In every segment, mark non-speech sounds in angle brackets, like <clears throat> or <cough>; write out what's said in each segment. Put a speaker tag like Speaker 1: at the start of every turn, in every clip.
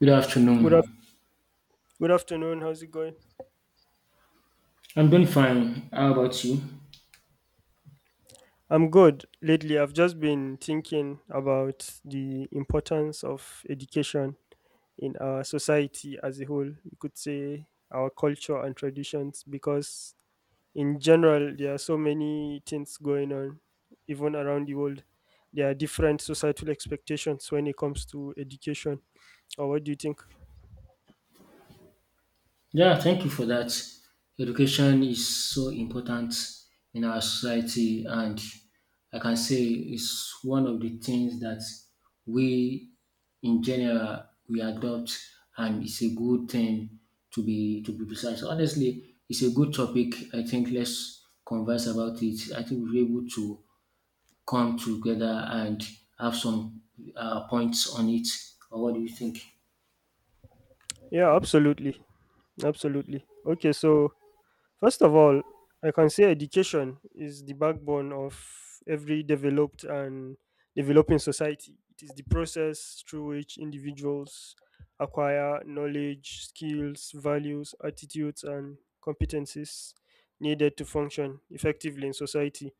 Speaker 1: Good
Speaker 2: Good, af-
Speaker 1: afternoon.
Speaker 2: Good afternoon. How's it going?
Speaker 1: I'm doing fine. How about you?
Speaker 2: I'm good. Lately, I've just been thinking about the importance of education in our society as a whole. You could say our culture and traditions, because in general, there are so many things going on, even around the world. There are different societal expectations when it comes to education. Or what do you think?
Speaker 1: Yeah, thank you for that. Education is so important in our society, and I can say it's one of the things that we, in general, we adopt, and it's a good thing to be precise. Honestly, it's a good topic. I think let's converse about it. I think we're able to come together and have some points on it. Or what do you think?
Speaker 2: Yeah, absolutely. Absolutely. Okay, so, first of all, I can say education is the backbone of every developed and developing society. It is the process through which individuals acquire knowledge, skills, values, attitudes, and competencies needed to function effectively in society.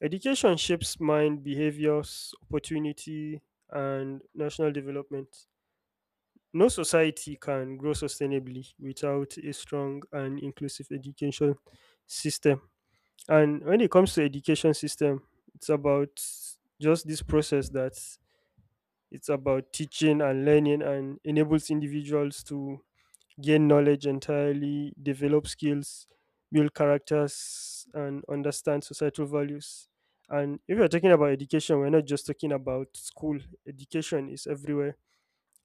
Speaker 2: Education shapes mind, behaviors, opportunity, and national development. No society can grow sustainably without a strong and inclusive education system. And when it comes to education system, it's about just this process that it's about teaching and learning and enables individuals to gain knowledge entirely, develop skills, build characters and understand societal values. And if you're talking about education, we're not just talking about school. Education is everywhere.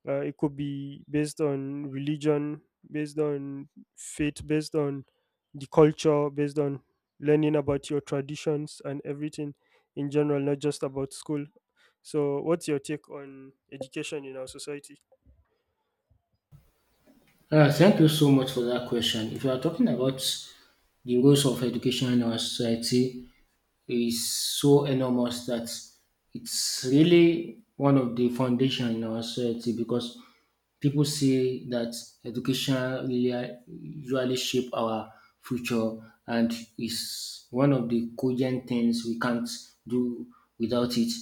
Speaker 2: It could be based on religion, based on faith, based on the culture, based on learning about your traditions and everything in general, not just about school. So, what's your take on education in our society?
Speaker 1: Thank you so much for that question. If you are talking about the roles of education in our society, is so enormous that it's really one of the foundation in our society because people say that education really usually shape our future and is one of the cogent things we can't do without it.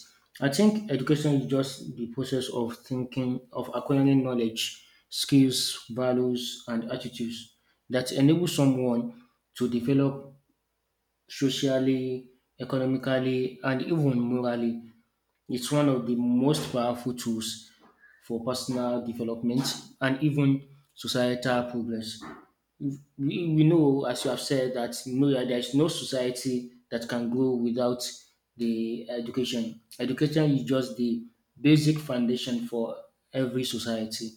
Speaker 1: I think education is just the process of thinking, of acquiring knowledge, skills, values, and attitudes that enable someone to develop socially, economically, and even morally. It's one of the most powerful tools for personal development and even societal progress we know, as you have said, that no, there is no society that can grow without the education. Education is just the basic foundation for every society.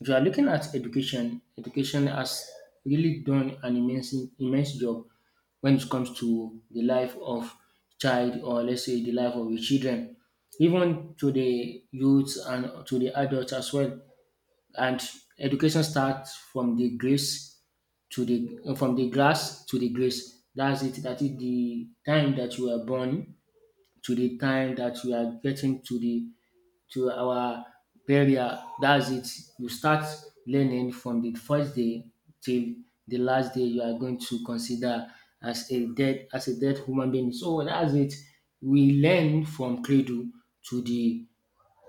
Speaker 1: If you are looking at education, education has really done an immense, immense job when it comes to the life of child or let's say the life of the children, even to the youths and to the adults as well. And education starts from the grace to the from the grass to the grace. That's it. That is the time that you were born to the time that you are getting to the to our burial. That's it. You start learning from the first day till the last day you are going to consider as a dead human being. So that's it. We learn from cradle to the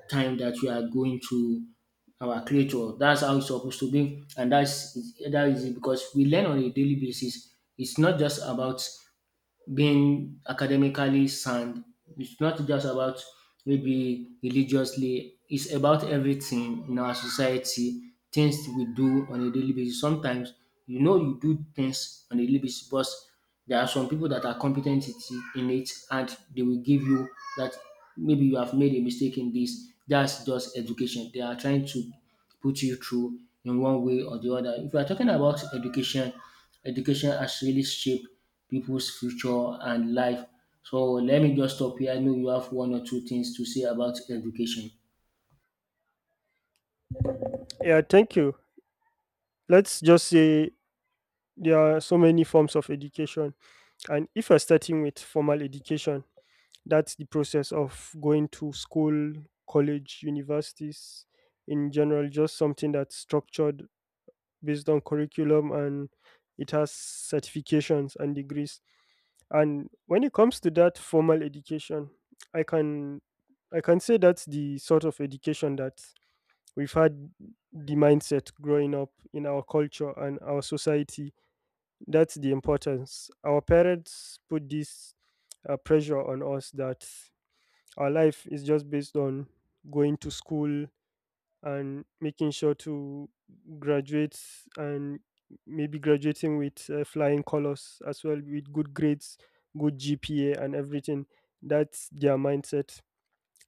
Speaker 1: time that we are going to our creator. That's how it's supposed to be, and that is it because we learn on a daily basis. It's not just about being academically sound. It's not just about maybe religiously, it's about everything in our society, things we do on a daily basis. Sometimes you know you do things on a daily basis, but there are some people that are in it and they will give you that maybe you have made a mistake in this. That's just education. They are trying to put you through in one way or the other. If you are talking about education, education has really shaped people's future and life. So let me just stop here. I know you have one or two things to say about education.
Speaker 2: Yeah, thank you. Let's just say there are so many forms of education. And if you're starting with formal education, that's the process of going to school, college, universities in general, just something that's structured based on curriculum and it has certifications and degrees. And when it comes to that formal education, i can I can say that's the sort of education that we've had the mindset growing up in our culture and our society. That's the importance our parents put this pressure on us, that our life is just based on going to school and making sure to graduate, and maybe graduating with flying colors as well, with good grades, good GPA and everything. That's their mindset.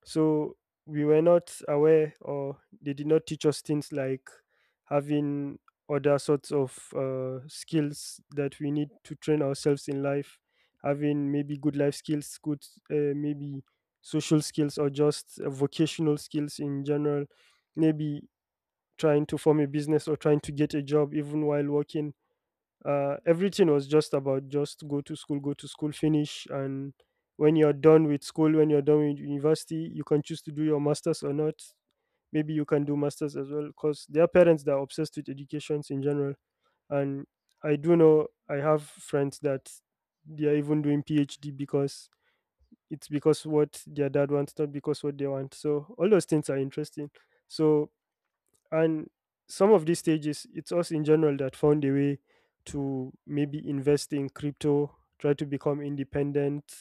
Speaker 2: So we were not aware or they did not teach us things like having other sorts of skills that we need to train ourselves in life, having maybe good life skills, good, maybe social skills, or just vocational skills in general, maybe trying to form a business or trying to get a job even while working. Everything was just about just go to school, go to school, finish, and when you're done with school, when you're done with university, you can choose to do your masters or not. Maybe you can do masters as well, because there are parents that are obsessed with educations in general. And I do know I have friends that they are even doing PhD because it's because what their dad wants, not because what they want. So all those things are interesting. So, and some of these stages, it's us in general that found a way to maybe invest in crypto, try to become independent,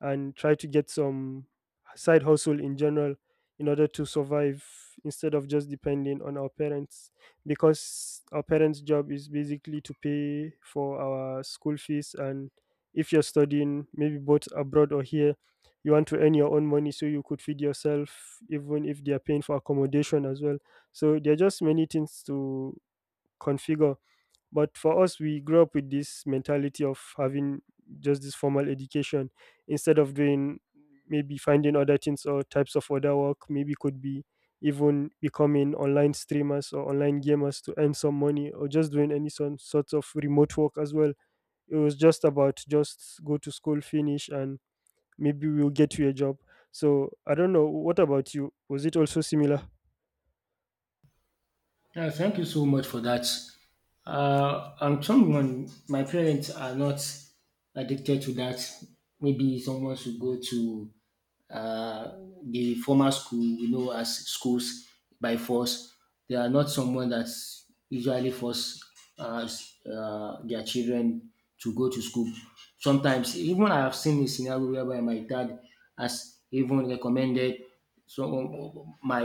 Speaker 2: and try to get some side hustle in general in order to survive, instead of just depending on our parents, because our parents job is basically to pay for our school fees. And if you're studying maybe both abroad or here, you want to earn your own money so you could feed yourself, even if they are paying for accommodation as well. So there are just many things to configure. But for us, we grew up with this mentality of having just this formal education instead of doing maybe finding other things or types of other work. Maybe could be even becoming online streamers or online gamers to earn some money, or just doing any some sorts of remote work as well. It was just about just go to school, finish, and maybe we'll get you a job. So I don't know. What about you? Was it also similar?
Speaker 1: Yeah, thank you so much for that. I'm someone, my parents are not addicted to that. Maybe someone should go to uh, the formal school we know as schools by force. They are not someone that usually force uh, their children to go to school. Sometimes, even I have seen a scenario whereby my dad has even recommended some my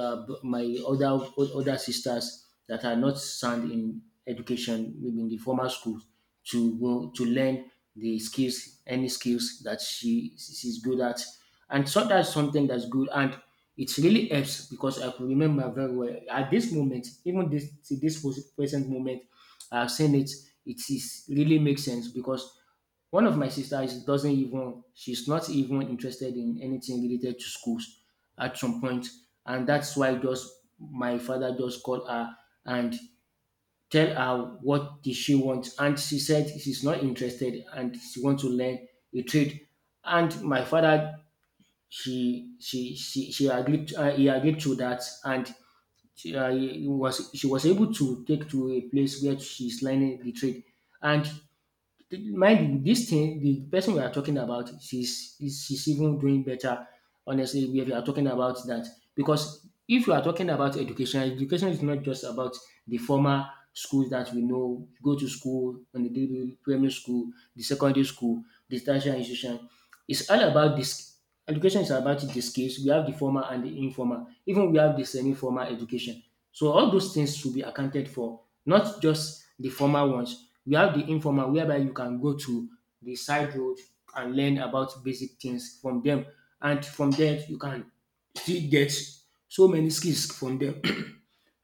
Speaker 1: my other sisters that are not sound in education, maybe in the formal schools, to go to learn the skills, any skills that she's good at, and so that's something that's good. And it really helps because I could remember very well at this moment, even this to this present moment, I've seen it. It is really makes sense because one of my sisters doesn't even she's not even interested in anything related to schools at some point, and that's why just my father just called her and tell her what did she want, and she said she's not interested and she wants to learn a trade, and my father she agreed he agreed to that, and she was able to take to a place where she's learning the trade. And mind you, this thing, the person we are talking about, she's even doing better. Honestly, if you are talking about that, because if you are talking about education, education is not just about the formal schools that we know, go to school, on the primary school, the secondary school, the tertiary institution. It's all about this. Education is about the skills. We have the formal and the informal. Even we have the semi-formal education. So all those things should be accounted for, not just the formal ones. We have the informal whereby you can go to the side road and learn about basic things from them. And from there, you can still get so many skills from them. <clears throat>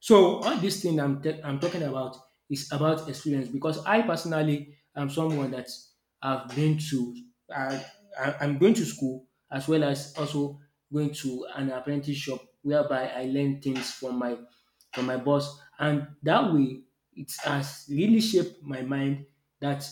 Speaker 1: So all this thing I'm talking about is about experience because I personally am someone that I've been to I, I I'm going to school as well as also going to an apprenticeship whereby I learn things from my boss, and that way it has really shaped my mind that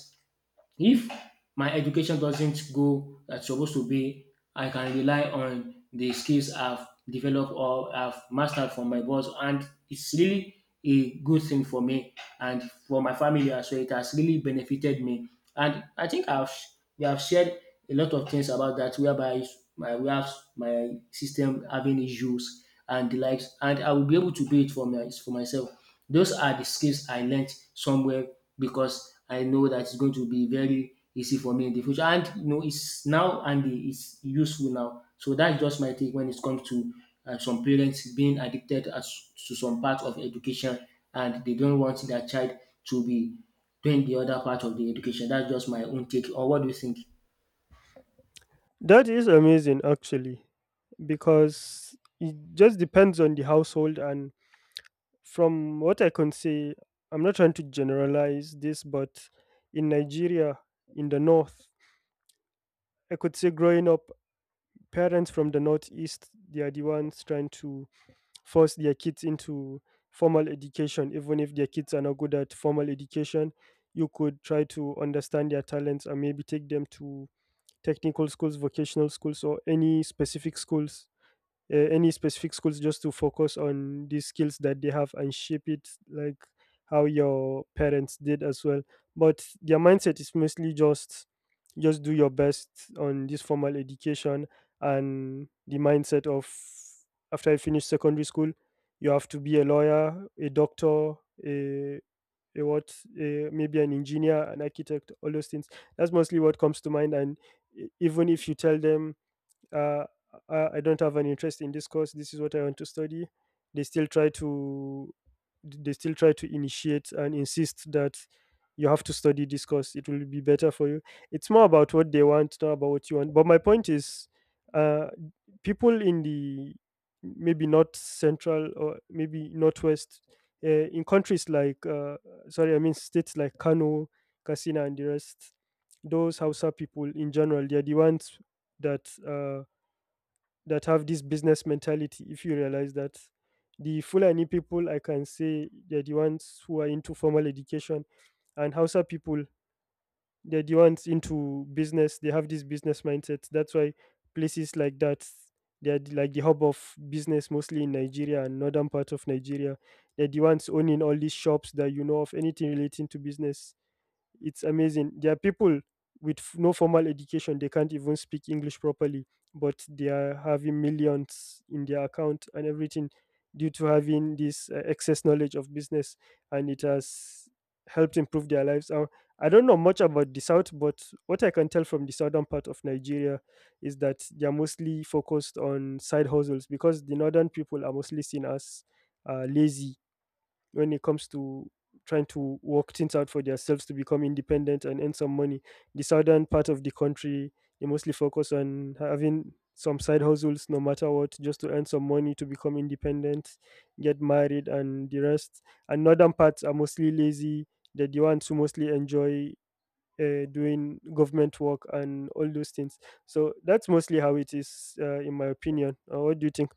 Speaker 1: if my education doesn't go as supposed to be, I can rely on the skills I've developed or I've mastered from my boss, and it's really a good thing for me and for my family as well. It has really benefited me, and I think I've we have shared a lot of things about that, whereby my we have my system having issues and the likes, and I will be able to do it for my for myself. Those are the skills I learned somewhere because I know that it's going to be very easy for me in the future. And it's now and it's useful now. So that's just my take when it comes to some parents being addicted as to some part of education, and they don't want their child to be doing the other part of the education. That's just my own take. Or what do you think?
Speaker 2: That is amazing, actually, because it just depends on the household. And from what I can say, I'm not trying to generalize this, but in Nigeria, in the north, I could say growing up, parents from the northeast, they are the ones trying to force their kids into formal education. Even if their kids are not good at formal education, you could try to understand their talents and maybe take them to technical schools, vocational schools, or any specific schools, any specific schools, just to focus on these skills that they have and shape it like how your parents did as well. But their mindset is mostly just do your best on this formal education, and the mindset of after I finish secondary school, you have to be a lawyer, a doctor, a a what a, maybe an engineer, an architect, all those things. That's mostly what comes to mind. And even if you tell them, uh, I don't have an interest in this course. This is what I want to study. They still try to, they still try to initiate and insist that you have to study this course. It will be better for you. It's more about what they want, not about what you want. But my point is, uh, people in the maybe not central or maybe northwest, in countries like sorry, I mean states like Kano, Katsina, and the rest. Those Hausa people in general, they are the ones that that have this business mentality. If you realize that the Fulani people, I can say they're the ones who are into formal education, and Hausa people, they're the ones into business. They have this business mindset. That's why places like that, like the hub of business, mostly in Nigeria and northern part of Nigeria. They're the ones owning all these shops that you know of, anything relating to business. It's amazing. There are people with no formal education, they can't even speak English properly, but they are having millions in their account and everything, due to having this excess knowledge of business, and it has helped improve their lives. I don't know much about the South, but what I can tell from the southern part of Nigeria is that they are mostly focused on side hustles because the northern people are mostly seen as lazy when it comes to trying to work things out for themselves to become independent and earn some money. The southern part of the country, they mostly focus on having some side hustles no matter what, just to earn some money to become independent, get married, and the rest. And northern parts are mostly lazy. They're the ones who mostly enjoy doing government work and all those things. So that's mostly how it is, in my opinion. What do you think?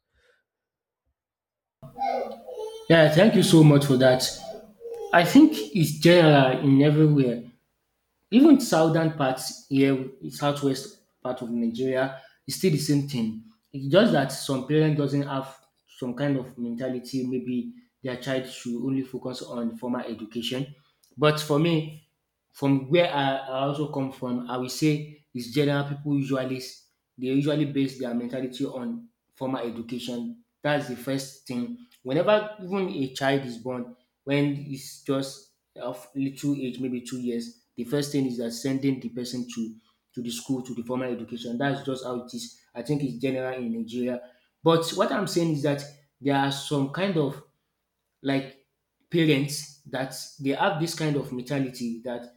Speaker 1: Yeah, thank you so much for that. I think it's general in everywhere. Even southern parts here, southwest part of Nigeria, it's still the same thing. It's just that some parent doesn't have some kind of mentality. Maybe their child should only focus on formal education. But for me, from where I also come from, I will say it's general people they usually base their mentality on formal education. That's the first thing. Whenever even a child is born, when it's just of little age, maybe 2 years, the first thing is that sending the person to the school to the formal education. That's just how it is. I think it's general in Nigeria. But what I'm saying is that there are some kind of like parents that they have this kind of mentality that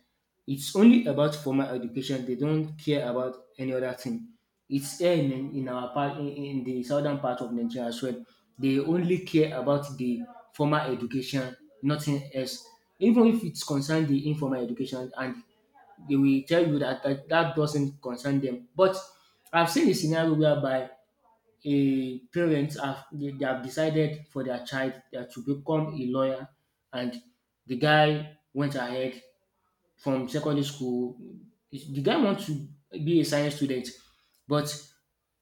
Speaker 1: it's only about formal education. They don't care about any other thing. It's here in our part, in the southern part of Nigeria as well. They only care about the formal education, nothing else. Even if it's concerned the informal education, and they will tell you that, that doesn't concern them. But I've seen a scenario whereby a parents have they have decided for their child that to become a lawyer, and the guy went ahead from secondary school, the guy wants to be a science student, but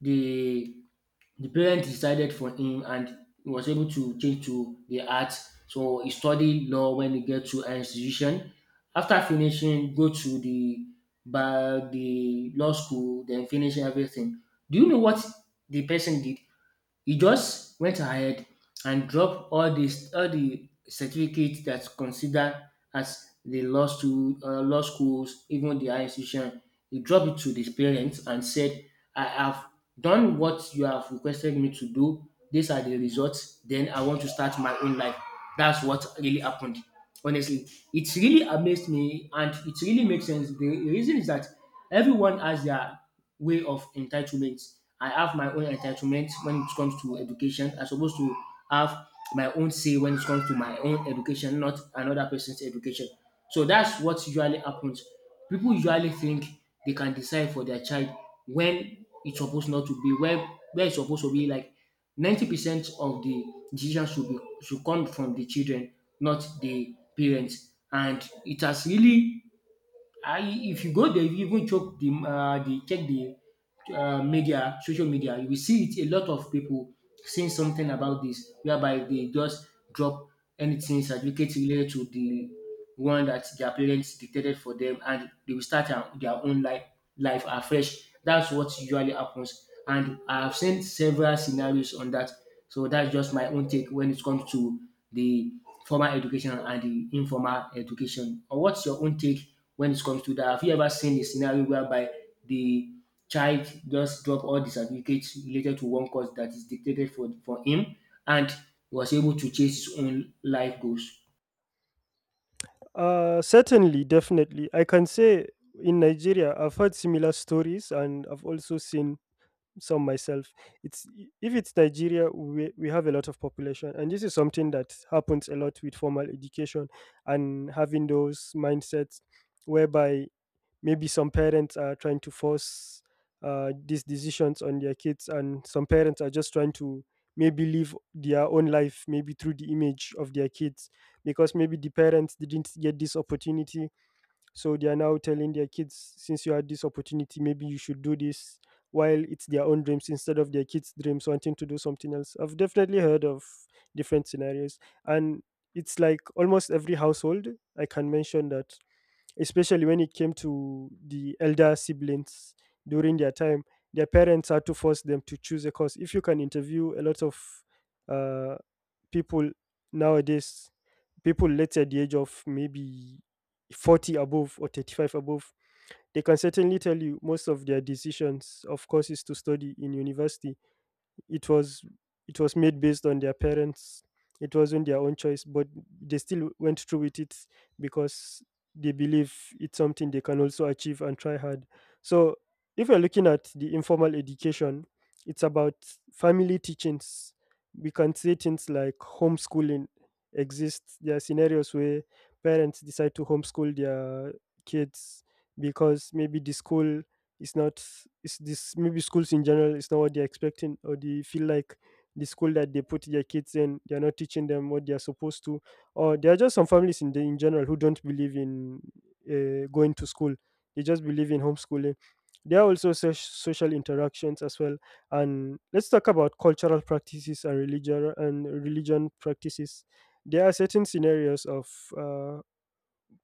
Speaker 1: the the parents decided for him, and he was able to change to the arts, so he studied law when he get to an institution. After finishing, go to the by the law school, then finish everything. Do you know what the person did? He just went ahead and dropped all these all the certificates that's considered as the law school, law schools, even the higher institution. He dropped it to the parents and said, "I have done what you have requested me to do. These are the results. Then I want to start my own life." That's what really happened. Honestly, it really amazed me, and it really makes sense. The reason is that everyone has their way of entitlement. I have my own entitlement when it comes to education. I'm supposed to have my own say when it comes to my own education, not another person's education. So that's what usually happens. People usually think they can decide for their child when it's supposed not to be, where it's supposed to be. Like 90% of the decisions should, be, should come from the children, not the parents. And it has really, if you go there, you even choke the check the media, social media, you will see it a lot of people saying something about this, whereby they just drop anything certificate related to the one that their parents dictated for them, and they will start their own life afresh. That's what usually happens, and I've seen several scenarios on that. So that's just my own take when it comes to the formal education and the informal education. Or what's your own take when it comes to that? Have you ever seen a scenario whereby the child just drop all the certificates related to one course that is dictated for him and he was able to chase his own life goals.
Speaker 2: Certainly, definitely. I can say in Nigeria, I've heard similar stories and I've also seen some myself. It's if it's Nigeria, we have a lot of population, and this is something that happens a lot with formal education and having those mindsets, whereby maybe some parents are trying to force these decisions on their kids, and some parents are just trying to maybe live their own life, maybe through the image of their kids, because maybe the parents didn't get this opportunity, so they are now telling their kids, since you had this opportunity, maybe you should do this, while it's their own dreams instead of their kids dreams wanting to do something else. I've definitely heard of different scenarios. And it's like almost every household I can mention that, especially when it came to the elder siblings during their time, their parents had to force them to choose a course. If you can interview a lot of uh, people nowadays, people let's say at the age of maybe 40 above or 35 above, they can certainly tell you most of their decisions of courses to study in university, it was it was made based on their parents. It wasn't their own choice, but they still went through with it because they believe it's something they can also achieve and try hard. So if you're looking at the informal education, it's about family teachings. We can say things like homeschooling exists. There are scenarios where parents decide to homeschool their kids, because maybe the school it's not, it's this maybe schools in general, it's not what they're expecting, or they feel like the school that they put their kids in, they're not teaching them what they're supposed to, or there are just some families in the in general who don't believe in going to school. They just believe in homeschooling. There are also such social interactions as well. And let's talk about cultural practices and religion practices. There are certain scenarios of uh,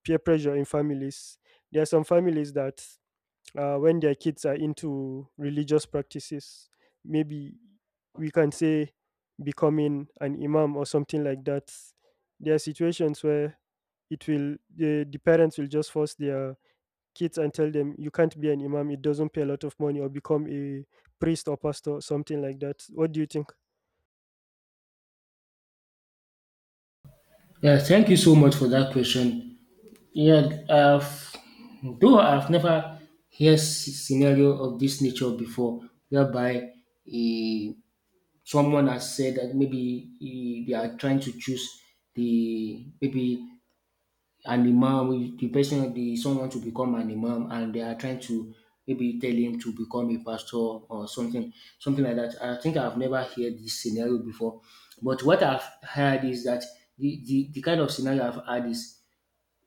Speaker 2: peer pressure in families. There are some families that when their kids are into religious practices. Maybe we can say becoming an imam or something like that. There are situations where the parents will just force their kids and tell them, "You can't be an imam, it doesn't pay a lot of money," or become a priest or pastor or something like that. What do you think?
Speaker 1: Yeah, thank you so much for that question. Yeah, I've, though I've never heard scenario of this nature before, whereby eh, someone has said that maybe they are trying to choose the maybe an imam, the person, the someone to become an imam, and they are trying to maybe tell him to become a pastor or something like that. I think I've never heard this scenario before, but what I've heard is that the kind of scenario I've heard is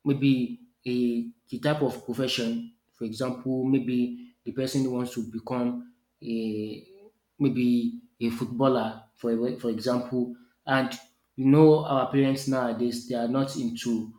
Speaker 1: maybe a the type of profession, for example, maybe the person wants to become a maybe a footballer, for example, and you know our parents nowadays they are not into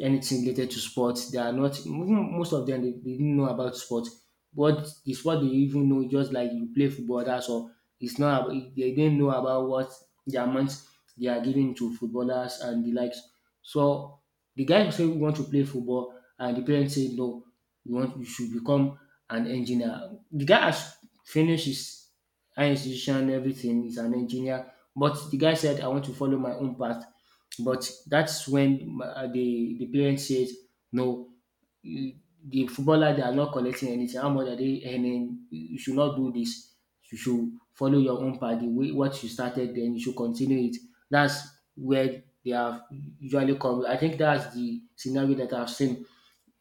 Speaker 1: anything related to sports. They are not even most of them they didn't know about sports. What the sport they even know, just like you play football, that's all. It's not about they didn't know about what the amount they are giving to footballers and the likes. So the guy who say we want to play football and the parents say no, you want you should become an engineer. The guy has finished his high institution, everything, he's an engineer. But the guy said, I want to follow my own path. But that's when the parent says no. The footballer they are not collecting anything. How much are they earning? You should not do this. You should follow your own path. The way what you started, then you should continue it. That's where they have usually come. I think that's the scenario that I've seen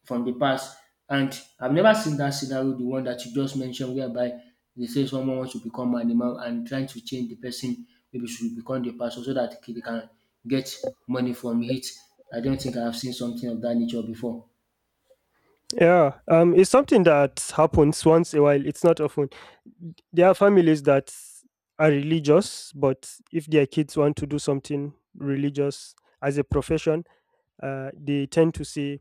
Speaker 1: from the past. And I've never seen that scenario, the one that you just mentioned, whereby they say someone wants to become animal and trying to change the person maybe should become the person so that they can get money from it. I don't think I've seen something of that nature before.
Speaker 2: Yeah, it's something that happens once a while. It's not often. There are families that are religious, but if their kids want to do something religious as a profession, they tend to say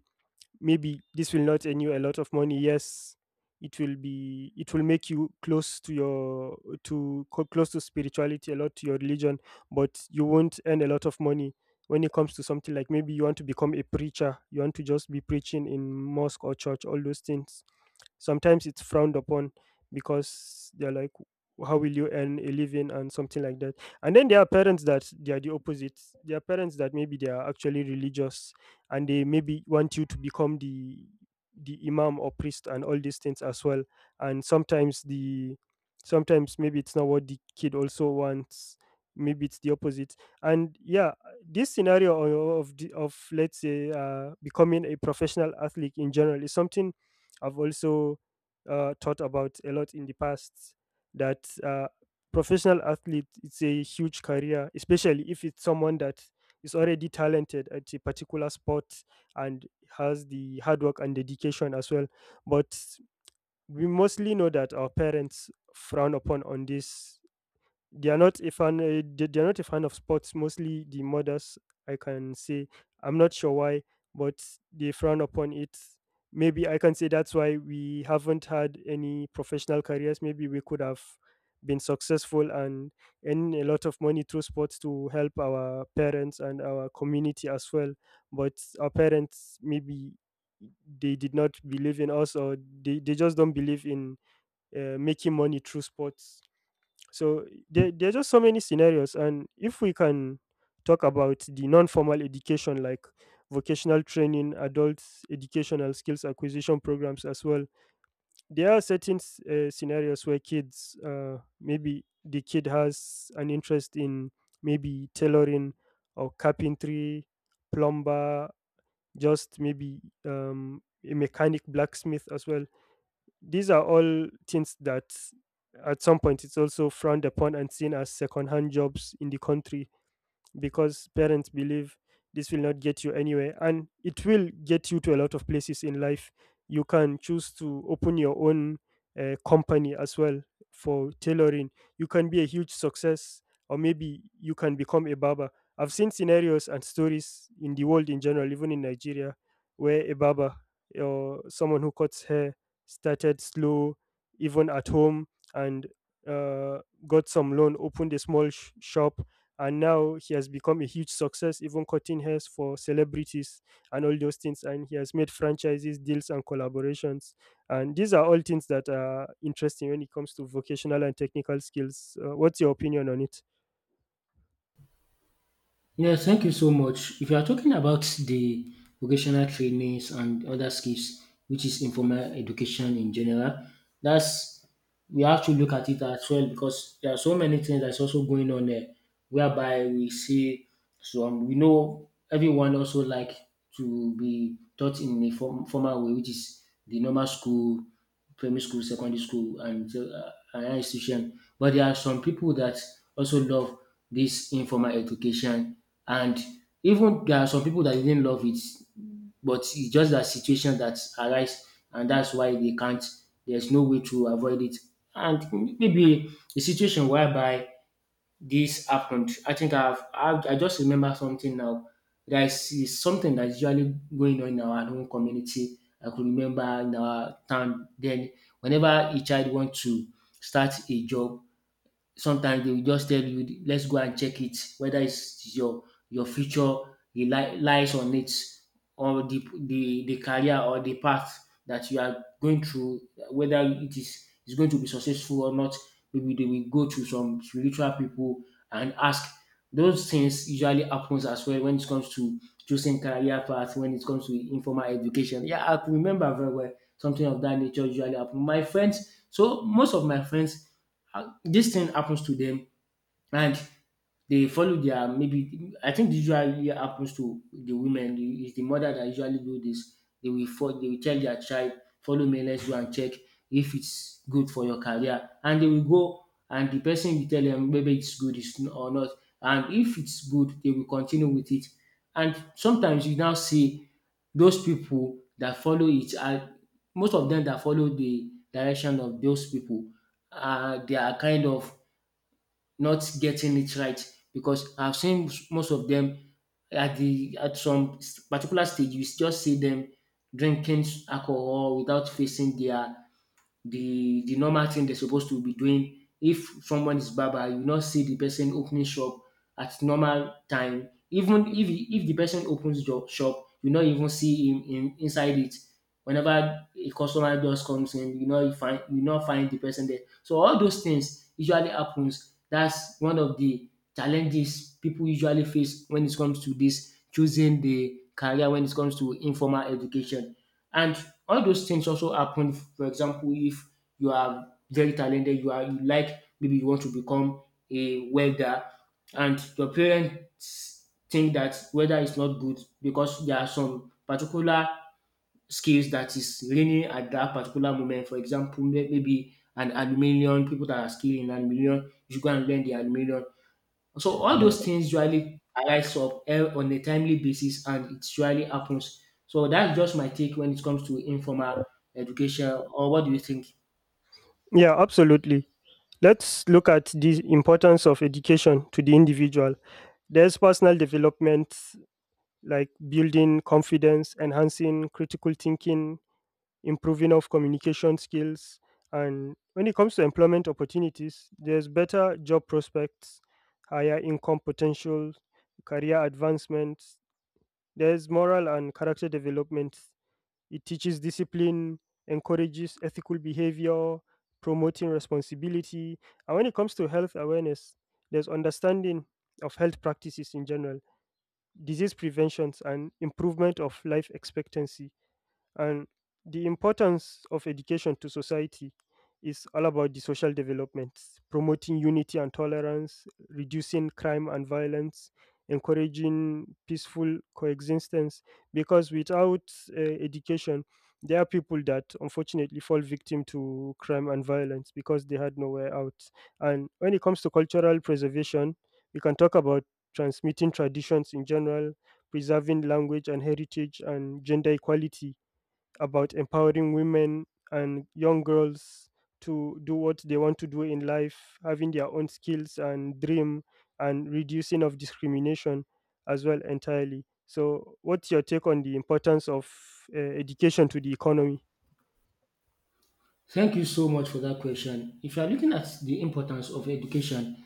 Speaker 2: maybe this will not earn you a lot of money. Yes, it will make you close to your close to spirituality, a lot to your religion, but you won't earn a lot of money. When it comes to something like, maybe you want to become a preacher, you want to just be preaching in mosque or church, all those things. Sometimes it's frowned upon because they're like, how will you earn a living and something like that. And then there are parents that they are the opposite. There are parents that maybe they are actually religious, and they maybe want you to become the imam or priest and all these things as well. And sometimes maybe it's not what the kid also wants. Maybe it's the opposite. And yeah, this scenario of, let's say, becoming a professional athlete in general is something I've also thought about a lot in the past, that professional athlete, it's a huge career, especially if it's someone that is already talented at a particular sport and has the hard work and dedication as well. But we mostly know that our parents frown upon on this. They are not a fan, they are not a fan of sports, mostly the mothers, I can say. I'm not sure why, but they frown upon it. Maybe I can say that's why we haven't had any professional careers. Maybe we could have been successful and earn a lot of money through sports to help our parents and our community as well. But our parents maybe they did not believe in us, or they just don't believe in making money through sports. So there are just so many scenarios. And if we can talk about the non formal education, like vocational training, adult educational skills acquisition programs as well, there are certain scenarios where kids, maybe the kid has an interest in maybe tailoring or carpentry, plumber, just maybe a mechanic, blacksmith as well. These are all things that at some point it's also frowned upon and seen as second hand jobs in the country, because parents believe this will not get you anywhere, and it will get you to a lot of places in life. You can choose to open your own company as well. For tailoring, you can be a huge success, or maybe you can become a barber. I've seen scenarios and stories in the world in general, even in Nigeria, where a barber or someone who cuts hair started slow, even at home, and uh, got some loan, opened a small shop, and now he has become a huge success, even cutting hairs for celebrities and all those things, and he has made franchises deals and collaborations. And these are all things that are interesting when it comes to vocational and technical skills. What's your opinion on it?
Speaker 1: Yes, thank you so much. If you are talking about the vocational trainings and other skills, which is informal education in general, that's we have to look at it as well because there are so many things that's also going on there, whereby we see some. We know everyone also like to be taught in a formal way, which is the normal school primary school, secondary school, and higher institution. But there are some people that also love this informal education, and even there are some people that didn't love it, but it's just that situation that arise, and that's why they can't. There's no way to avoid it, and maybe a situation whereby this happened. I think I've, I just remember something now. There is something that's usually going on in our own community. I could remember in our town then whenever a child wants to start a job, sometimes they will just tell you let's go and check it whether it's your future lies on it or the career or the path that you are going through whether it is going to be successful or not. Maybe they will go to some spiritual people and ask. Those things usually happens as well when it comes to choosing career path when it comes to informal education. Yeah, I could remember very well something of that nature usually happen my friends, so most of my friends this thing happens to them. And they follow their maybe I think this usually happens to the women. It's the mother that usually do this. They will follow, they will tell their child, follow me, let's go and check if it's good for your career. And they will go and the person will tell them maybe it's good or not. And if it's good, they will continue with it. And sometimes you now see those people that follow it are most of them that follow the direction of those people they are kind of not getting it right because I've seen most of them at the at some particular stage you just see them drinking alcohol without facing their the normal thing they're supposed to be doing. If someone is barber, you will not see the person opening shop at normal time. Even if the person opens shop, you not even see him inside it. Whenever a customer just comes in, you know you find you not find the person there. So all those things usually happens. That's one of the challenges people usually face when it comes to this choosing the career when it comes to informal education. And all those things also happen. For example, if you are very talented, you are you like maybe you want to become a welder, and your parents think that welder is not good because there are some particular skills that is reigning at that particular moment. For example, maybe an aluminium, people that are skilled in aluminium, you should go and learn the aluminium. So all those things usually arise up on a timely basis and it usually happens. So that's just my take when it comes to informal education, or what do you think?
Speaker 2: Yeah, absolutely. Let's look at the importance of education to the individual. There's personal development, like building confidence, enhancing critical thinking, improving of communication skills. And when it comes to employment opportunities, there's better job prospects, higher income potential, career advancement. There's moral and character development. It teaches discipline, encourages ethical behavior, promoting responsibility. And when it comes to health awareness, there's understanding of health practices in general, disease preventions, and improvement of life expectancy. And the importance of education to society is all about the social developments, promoting unity and tolerance, reducing crime and violence, encouraging peaceful coexistence. Because without education, there are people that unfortunately fall victim to crime and violence because they had nowhere out. And when it comes to cultural preservation, we can talk about transmitting traditions in general, preserving language and heritage, and gender equality, about empowering women and young girls to do what they want to do in life, having their own skills and dream, and reducing of discrimination as well entirely. So, what's your take on the importance of education to the economy?
Speaker 1: Thank you so much for that question. If you are looking at the importance of education,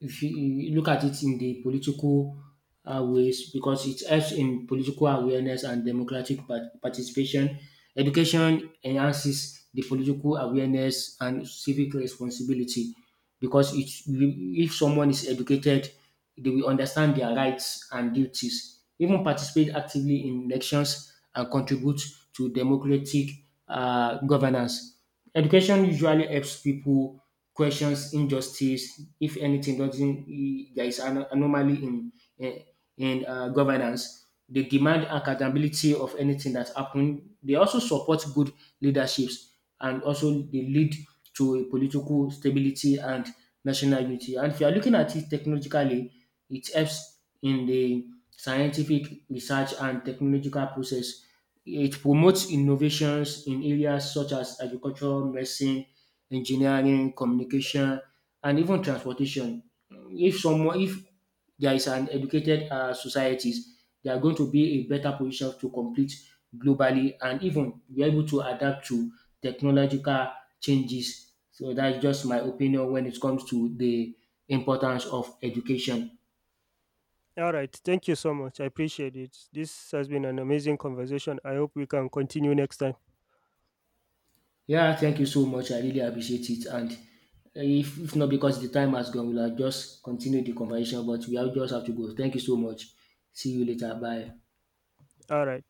Speaker 1: if you look at it in the political ways, because it helps in political awareness and democratic participation. Education enhances the political awareness and civic responsibility because it, if someone is educated, they will understand their rights and duties, even participate actively in elections and contribute to democratic governance. Education usually helps people questions injustice, if anything doesn't e- there is an anomaly in, in governance, they demand accountability of anything that happened. They also support good leaderships, and also they lead to a political stability and national unity. And if you are looking at it technologically, it helps in the scientific research and technological process. It promotes innovations in areas such as agriculture, medicine, engineering, communication, and even transportation. If there is an educated societies, they are going to be a better position to compete globally and even be able to adapt to technological changes. So that's just my opinion when it comes to the importance of education.
Speaker 2: All right. Thank you so much. I appreciate it. This has been an amazing conversation. I hope we can continue next time.
Speaker 1: Yeah, thank you so much. I really appreciate it. And if not because the time has gone, we'll have just continue the conversation, but we have just have to go. Thank you so much. See you later. Bye.
Speaker 2: All right.